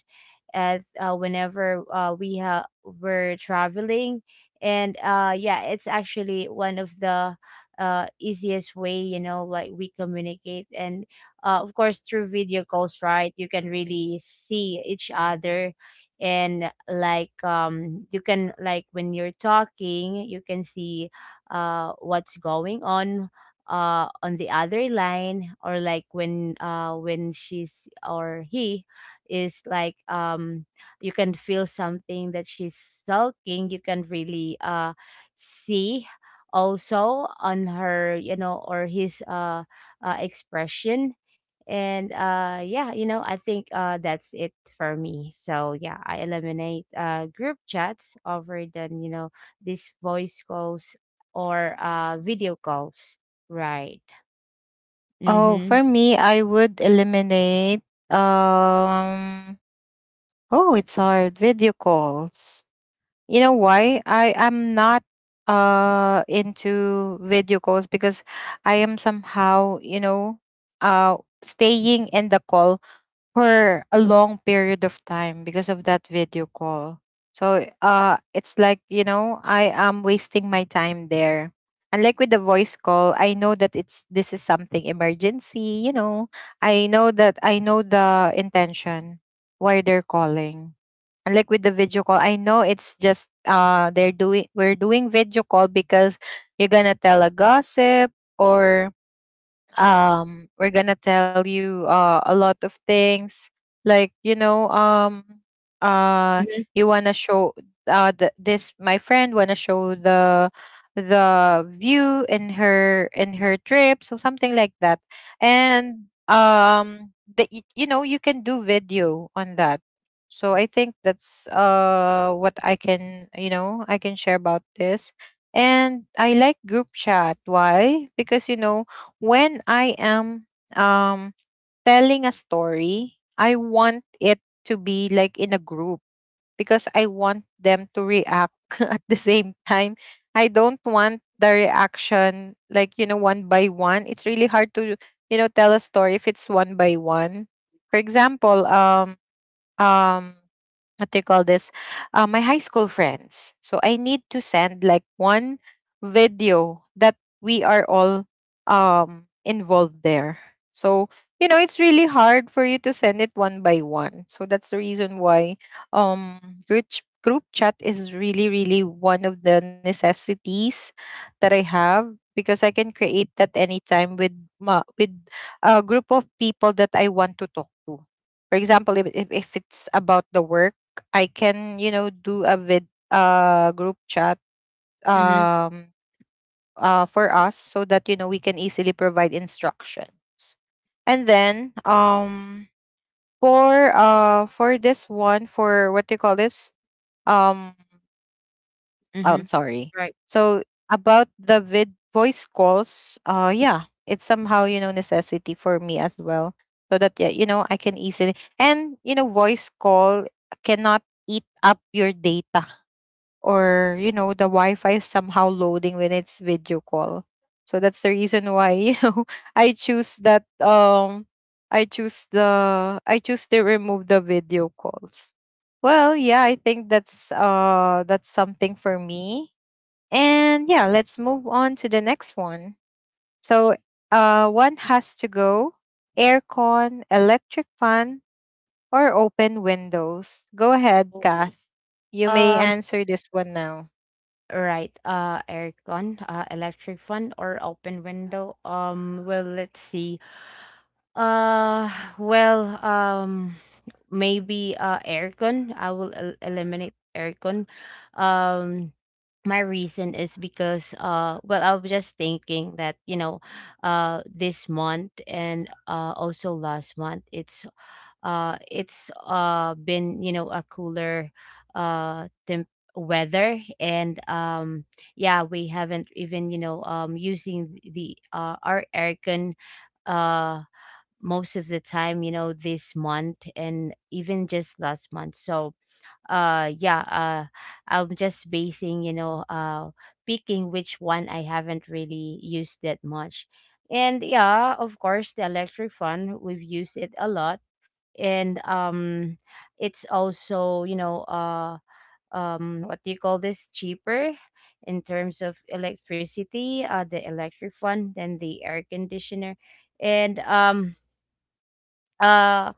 Speaker 2: at whenever were traveling. And yeah, it's actually one of the easiest way, you know, like we communicate. And of course through video calls, right, you can really see each other. And like, you can, like, when you're talking, you can see what's going on the other line, or like, when she's or he is, like, you can feel something that she's talking, you can really see also on her, you know, or his expression. And yeah, you know, I think that's it for me. So yeah, I eliminate group chats over than, you know, these voice calls or video calls. Right.
Speaker 1: Oh, for
Speaker 2: Mm-hmm,
Speaker 1: me, I would eliminate um oh, it's hard. Video calls. You know why? I am not into video calls because I am somehow, you know, uh staying in the call for a long period of time because of that video call. So it's like, you know, I am wasting my time there. And like with the voice call, I know that it's this is something emergency, you know. I know the intention why they're calling. And like with the video call, I know it's just they're doing we're doing video call because you're gonna tell a gossip or we're gonna tell you a lot of things like you know uh
Speaker 2: mm-hmm.
Speaker 1: you wanna show this my friend wanna show the view in her trip, so something like that. And you know, you can do video on that. So I think that's what I can, you know, I can share about this. And I like group chat. Why? Because you know, when I am, um telling a story, I want it to be like in a group because I want them to react at the same time. I don't want the reaction like, you know, one by one. It's really hard to tell a story if it's one by one. For example, um what they call this, my high school friends, so I need to send like one video that we are all involved there. So you know, it's really hard for you to send it one by one. So that's the reason why um group chat is really really one of the necessities that I have, because I can create that anytime with ma- with a group of people that I want to talk to. For example, if it's about the work, I can, you know, do a vid group chat
Speaker 2: Mm-hmm,
Speaker 1: um for us, so that you know we can easily provide instructions. And then for this one, for what do you call this? Um
Speaker 2: mm-hmm.
Speaker 1: I'm sorry.
Speaker 2: Right.
Speaker 1: So about the vid voice calls, yeah, it's somehow, you know, necessity for me as well. So that yeah, you know, I can easily, and you know, voice call cannot eat up your data, or you know the wi-fi is somehow loading when it's video call. So that's the reason why you know I choose that, I choose the I choose to remove the video calls. Well, yeah, I think that's something for me. And yeah, let's move on to the next one. So one has to go: aircon, electric fan, or open windows? Go ahead,
Speaker 2: Oh.
Speaker 1: Kath. You may
Speaker 2: um
Speaker 1: answer this one now.
Speaker 2: right, aircon, electric fan, or open window. Well, let's see. Uh, well, maybe aircon. I will eliminate aircon. Um, my reason is because well, I was just thinking that, you know, this month and also last month, it's been, you know, a cooler temp weather. And yeah, we haven't even, you know, using the our aircon uh most of the time, you know, this month and even just last month. So, yeah, I'm just basing, you know, picking which one I haven't really used that much. And yeah, of course, the electric fan, we've used it a lot. And it's also, you know, what do you call this? Cheaper in terms of electricity, the electric fan, than the air conditioner. And uh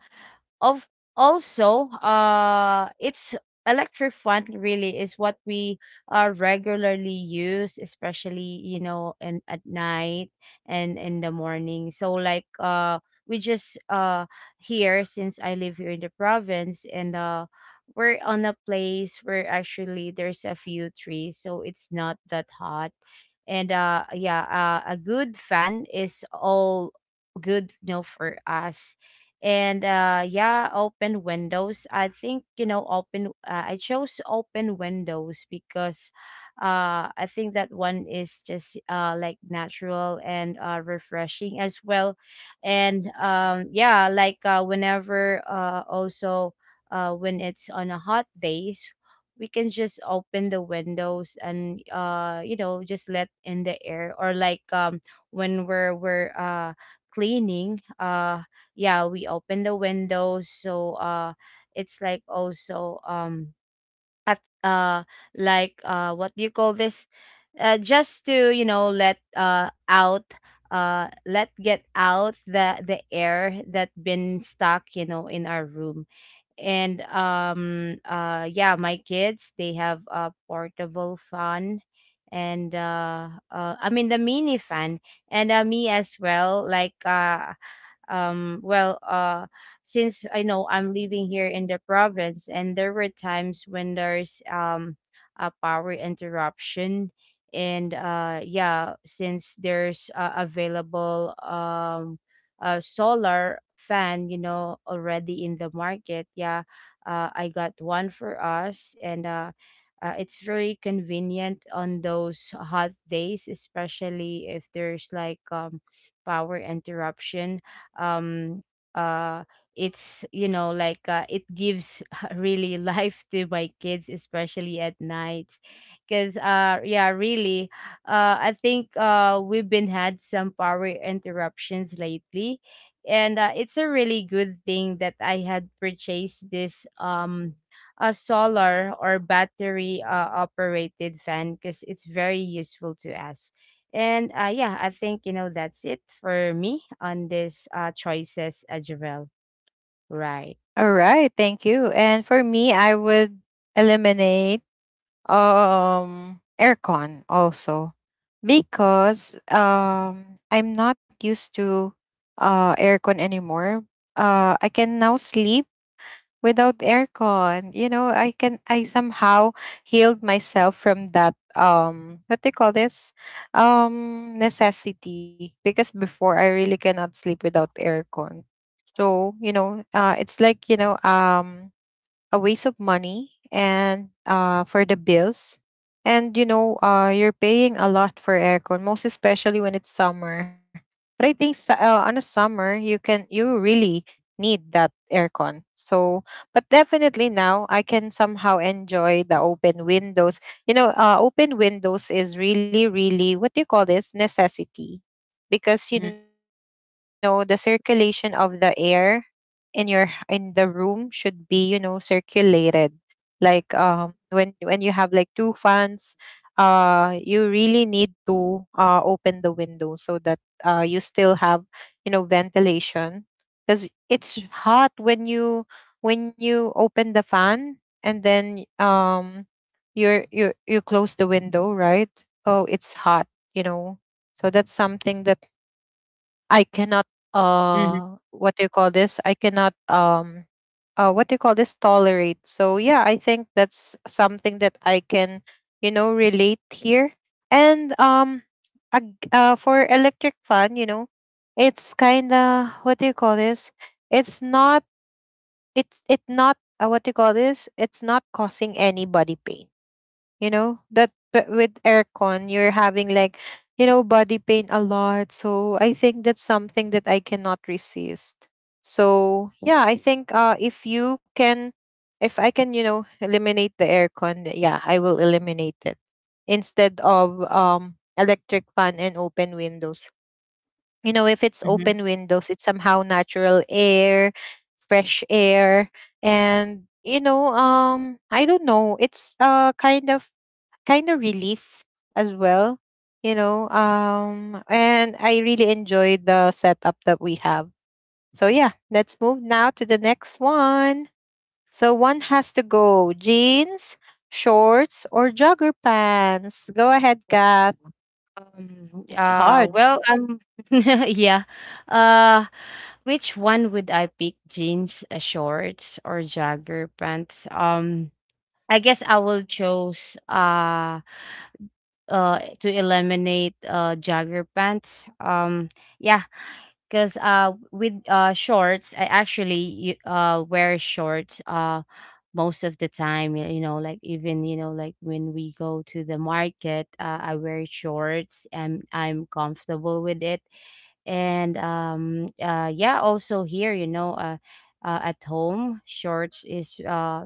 Speaker 2: of also it's Electric fan really is what we regularly use, especially in at night and in the morning. So like uh we just uh here since I live here in the province, and we're on a place where actually there's a few trees, so it's not that hot. And uh yeah uh, a good fan is all good, for us. And yeah open windows, I think, you know open I chose open windows because I think that one is just like natural and refreshing as well. And yeah like whenever also When it's on a hot days, we can just open the windows and, just let in the air, or like, when we're cleaning, yeah, we open the windows. So it's like also, at like what do you call this, just to, let out, let get out the air that been stuck, in our room. And yeah My kids, they have a portable fan, and I mean the mini fan. And me as well, um well uh since I know I'm living here in the province, and there were times when there's a power interruption. And yeah Since there's available a solar fan, already in the market, yeah, I got one for us. And It's very convenient on those hot days, especially if there's like, power interruption. um uh it's, it gives really life to my kids, especially at night, because, yeah, really, I think we've been had some power interruptions lately. And it's a really good thing that I had purchased this, a solar or battery, operated fan, because it's very useful to us. And yeah, I think, that's it for me on this, choices, Javel. Right.
Speaker 1: All right, thank you. And for me, I would eliminate aircon also, because I'm not used to aircon anymore. I can now sleep without aircon. You know, I somehow healed myself from that what do you call this? Necessity. Because before, I really cannot sleep without aircon. So, you know, it's like, you know, a waste of money and for the bills. And you know, you're paying a lot for aircon, most especially when it's summer. But I think on a summer you can you really need that aircon. So, but definitely now I can somehow enjoy the open windows. You know, open windows is really, really, what do you call this, necessity, because you know the circulation of the air in your in the room should be you know circulated, like when you have like two fans, you really need to open the window so that you still have, you know, ventilation, because it's hot when you, when you open the fan, and then you're you close the window, right? Oh, it's hot, you know. So that's something that I cannot
Speaker 2: Mm-hmm.
Speaker 1: what do you call this? I cannot what do you call this, tolerate. So yeah, I think that's something that I can, you know, relate here. And for electric fan, you know, it's kind of, what do you call this, it's not, it not what do you call this? It's not causing anybody pain, you know that, but with aircon you're having like, you know, body pain a lot. So I think that's something that I cannot resist. So yeah, I think if you can, if I can, you know, eliminate the aircon, yeah, I will eliminate it instead of electric fan and open windows. You know, if it's open
Speaker 2: Hmm.
Speaker 1: windows, it's somehow natural air, fresh air. And you know, I don't know, it's kind of, kind of relief as well, you know. And I really enjoyed the setup that we have. So yeah, let's move now to the next one. So one has to go: jeans, shorts, or jogger pants? Go ahead,
Speaker 2: Oh.
Speaker 1: Kath.
Speaker 2: Um,
Speaker 1: It's
Speaker 2: uh,
Speaker 1: hard.
Speaker 2: well, um, yeah. Uh, which one would I pick? Jeans, shorts, or jogger pants? Um, I guess I will choose to eliminate, jogger pants. Yeah. Because, with shorts, I actually wear shorts most of the time. You know, like even, you know, like when we go to the market, I wear shorts and I'm comfortable with it. And yeah, also here, you know, at home, shorts is, uh,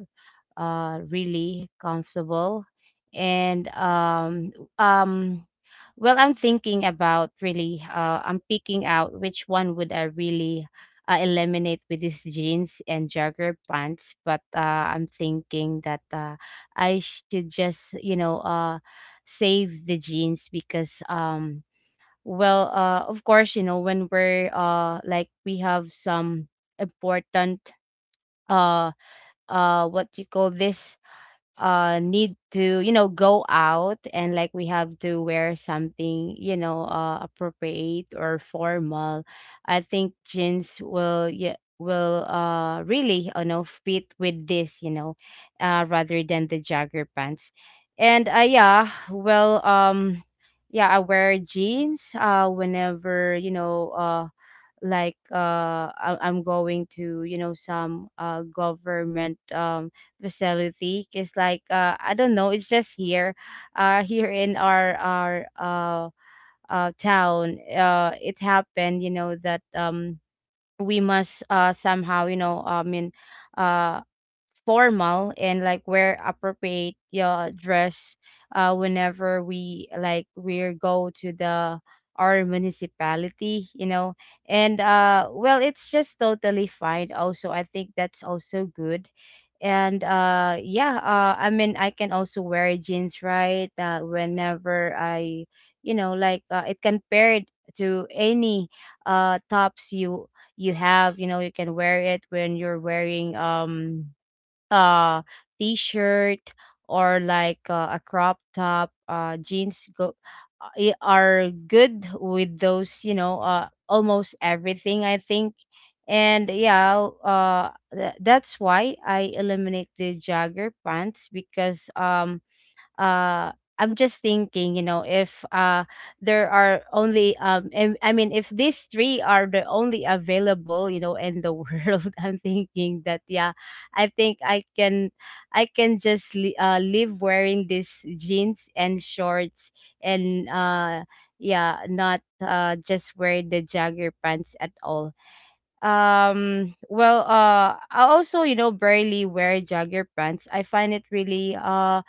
Speaker 2: uh, really comfortable. And um, well, I'm thinking about really, I'm picking out which one would I really eliminate with these jeans and jogger pants. But, I'm thinking that, I should just, you know, save the jeans because, well, of course, you know, when we're, like we have some important, uh, what you call this, need to, you know, go out, and like we have to wear something, you know, appropriate or formal. I think jeans will, yeah, will really, you know, fit with this, you know, rather than the jogger pants. And yeah well Yeah, I wear jeans whenever, you know, I- I'm going to, you know, some government facility. It's like, I don't know, it's just here, here in our town. It happened, you know, that, we must somehow, you know, I mean, uh formal, and like wear appropriate, yeah, dress, whenever we, like we go to the our municipality, you know. And Well, it's just totally fine. Also, I think that's also good. And yeah I mean I can also wear jeans, right, whenever I, you know, like, it compared to any tops you you have, you know. You can wear it when you're wearing, uh t-shirt, or like, a crop top. Jeans go, are good with those, you know, almost everything, I think. And that's why I eliminate the jogger pants, because, uh I'm just thinking, you know, if, there are only, I mean, if these three are the only available, you know, in the world, I'm thinking that, yeah, I think I can, I can just live wearing these jeans and shorts, and yeah, not just wear the jagger pants at all. I also, you know, barely wear jogger pants. I find it really,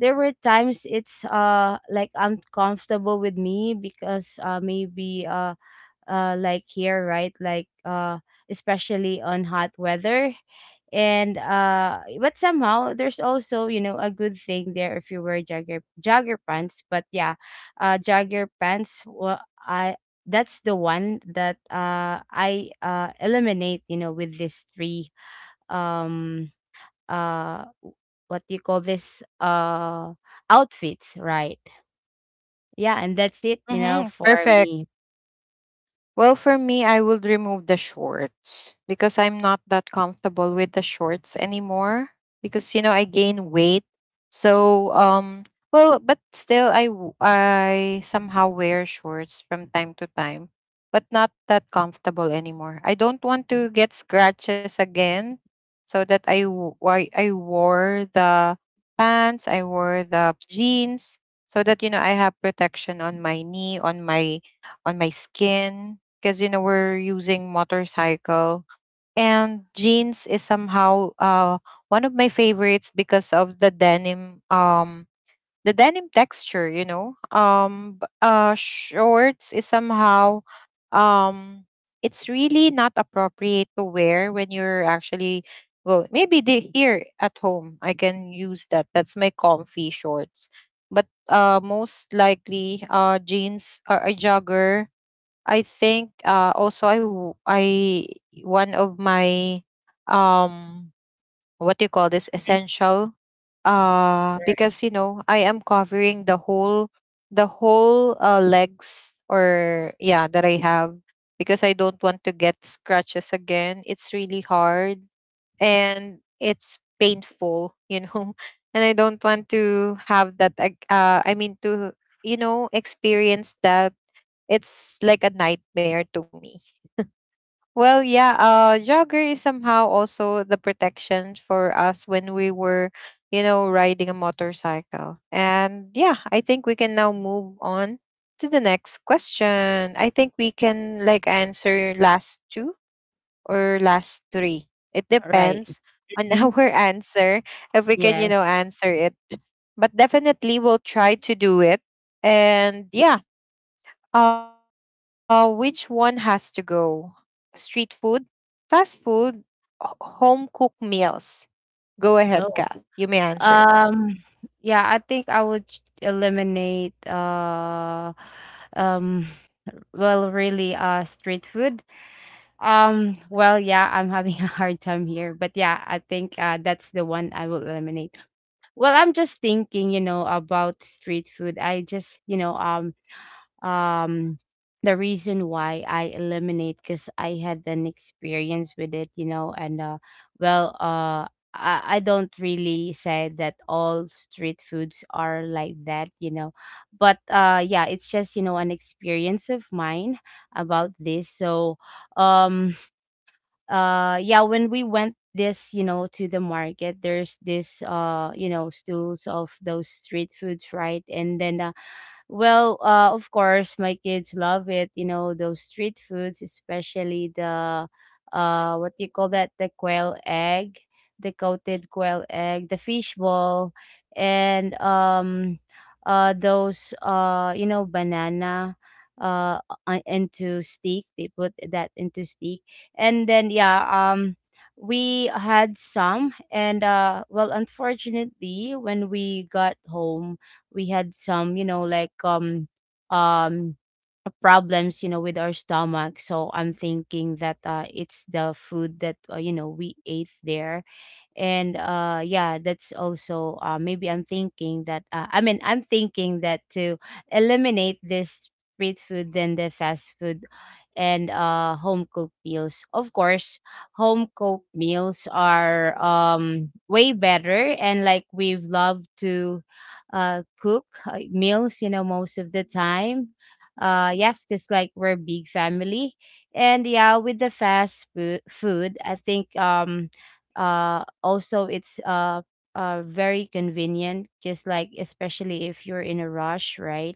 Speaker 2: there were times it's, like uncomfortable with me, because, maybe like here, right, like, especially on hot weather. And But somehow there's also, you know, a good thing there if you wear jogger pants. But yeah, jogger pants, well, I, that's the one that I eliminate, you know, with these three. um uh w- what do you call this, outfits, right? Yeah, and that's it, you know,
Speaker 1: Mm-hmm.
Speaker 2: for
Speaker 1: Perfect.
Speaker 2: me.
Speaker 1: Well, for me, I would remove the shorts, because I'm not that comfortable with the shorts anymore because you know I gain weight. So, well, but still I somehow wear shorts from time to time, but not that comfortable anymore. I don't want to get scratches again, so that I wore the pants, I wore the jeans, so that you know I have protection on my knee, on my skin, because you know we're using motorcycle. And jeans is somehow one of my favorites because of the denim, the denim texture, you know. Shorts is somehow um it's really not appropriate to wear when you're actually go maybe they here at home I can use that, that's my comfy shorts. But most likely jeans or a jogger, I think also I, one of my um what do you call this,
Speaker 2: Mhm.
Speaker 1: essential,
Speaker 2: Right.
Speaker 1: because you know I am covering the whole, the whole legs or yeah that I have, because I don't want to get scratches again. It's really hard and it's painful, you know. And I don't want to have that I mean to, you know, experience that. It's like a nightmare to me. Well, yeah, jogger is somehow also the protection for us when we were, you know, riding a motorcycle. And yeah, I think we can now move on to the next question. I think we can like answer last two or last three. It
Speaker 2: Right.
Speaker 1: depends on
Speaker 2: Mhm.
Speaker 1: our answer if we can, you
Speaker 2: Yeah.
Speaker 1: know, answer it. But definitely we'll try to do it. And yeah, which one has to go? Street food, fast food, home cooked meals? Go ahead, Kath. You may
Speaker 2: Oh.
Speaker 1: answer now.
Speaker 2: Um. Yeah, I think I would eliminate, um well, really, street food. Well, yeah, I'm having a hard time here, but yeah, I think, that's the one I will eliminate. Well, I'm just thinking, you know, about street food. I just, you know, um the reason why I eliminate, because I had an experience with it, you know. And well I don't really say that all street foods are like that, you know. But, yeah, it's just, you know, an experience of mine about this. So um yeah, when we went this, you know, to the market, there's this, you know, stools of those street foods, right? And then, well, of course, my kids love it, you know. Those street foods, especially the, what do you call that, the quail egg, the coated quail egg, the fish ball, and those, you know, banana, uh into steak. They put that into steak, and then, yeah. Um. We had some, and, well, unfortunately, when we got home, we had some, you know, like, um problems, you know, with our stomach. So I'm thinking that, it's the food that, you know, we ate there. And yeah That's also, maybe, I'm thinking that, I'm thinking that to eliminate this street food than the fast food. And home cooked meals, of course. Home cooked meals are, way better, and like we've loved to cook, meals, you know, most of the time. Yes, because like we're a big family. And yeah, with the fast food, I think, also it's, very convenient, just like, especially if you're in a rush, right.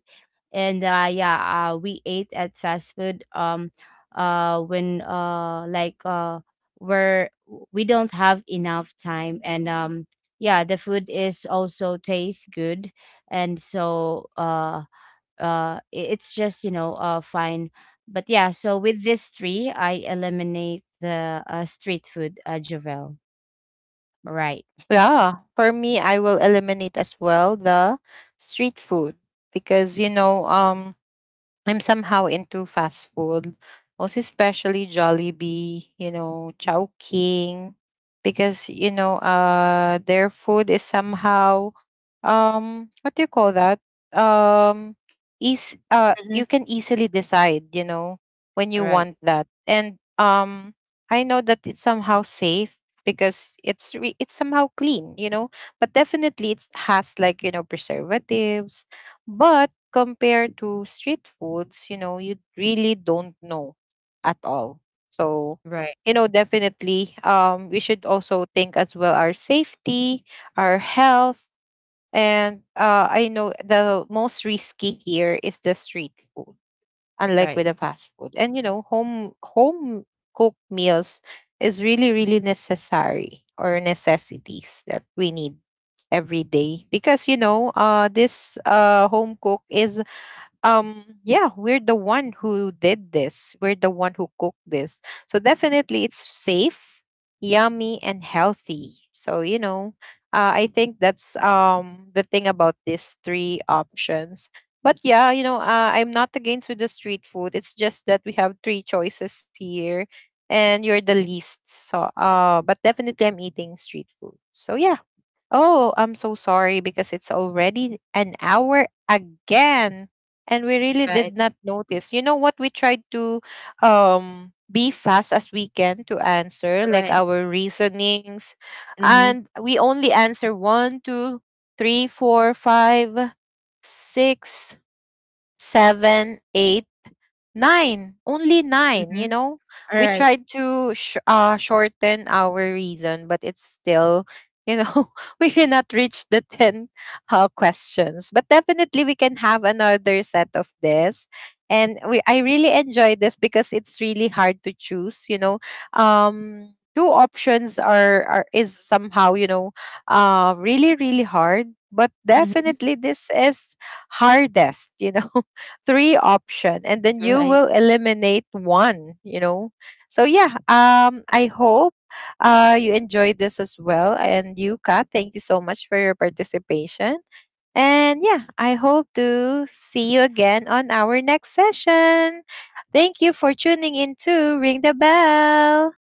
Speaker 2: and yeah We ate at fast food, when, we're, we don't have enough time. And yeah, the food is also tastes good. and so uh it's just, you know, fine. But yeah, so with this three, I eliminate the, street food, Javel. Right.
Speaker 1: Yeah, for me, I will eliminate as well the street food, because you know, I'm somehow into fast food, most especially Jollibee, you know, Chowking, because you know, their food is somehow, what do you call that? Um, is
Speaker 2: Mhm.
Speaker 1: you can easily decide, you know, when you
Speaker 2: Right.
Speaker 1: want that, and I know that it's somehow safe because it's somehow clean, you know, but definitely it has like you know preservatives, but compared to street foods, you know, you really don't know at all. So,
Speaker 2: Right.
Speaker 1: you know, definitely we should also think as well our safety, our health, and I know the most risky here is the street food, unlike with
Speaker 2: Right.
Speaker 1: the fast food. And you know, home cooked meals is really, really necessary or necessities that we need every day, because you know this home cook is yeah, we're the one who did this, we're the one who cooked this, so definitely it's safe, yummy, and healthy. So you know, I think that's the thing about these three options. But yeah, you know, I'm not against with the street food, it's just that we have three choices here and you're the least. So but definitely I'm eating street food, so yeah. Oh, I'm so sorry, because it's already an hour again and we really did
Speaker 2: Right.
Speaker 1: not notice. You know what? We tried to be fast as we can to answer like
Speaker 2: Right.
Speaker 1: our reasonings,
Speaker 2: Mhm.
Speaker 1: and we only answer one, two, three, four, five, six, seven, eight, nine, ten. Nine, only nine, you
Speaker 2: Mhm.
Speaker 1: know? We
Speaker 2: Alright.
Speaker 1: tried to shorten our reason, but it's still, you know, we cannot reach the 10 questions. But definitely we can have another set of this. And I really enjoy this because it's really hard to choose, you know. Two options are is somehow, you know, really, really hard. But
Speaker 2: Mhm.
Speaker 1: definitely this is hardest, you know, three option
Speaker 2: Right.
Speaker 1: and then you will eliminate one, you know. So yeah, I hope you enjoyed this as well. And you, Kat, thank you so much for your participation. And yeah, I hope to see you again on our next session. Thank you for tuning in to Ring the Bell.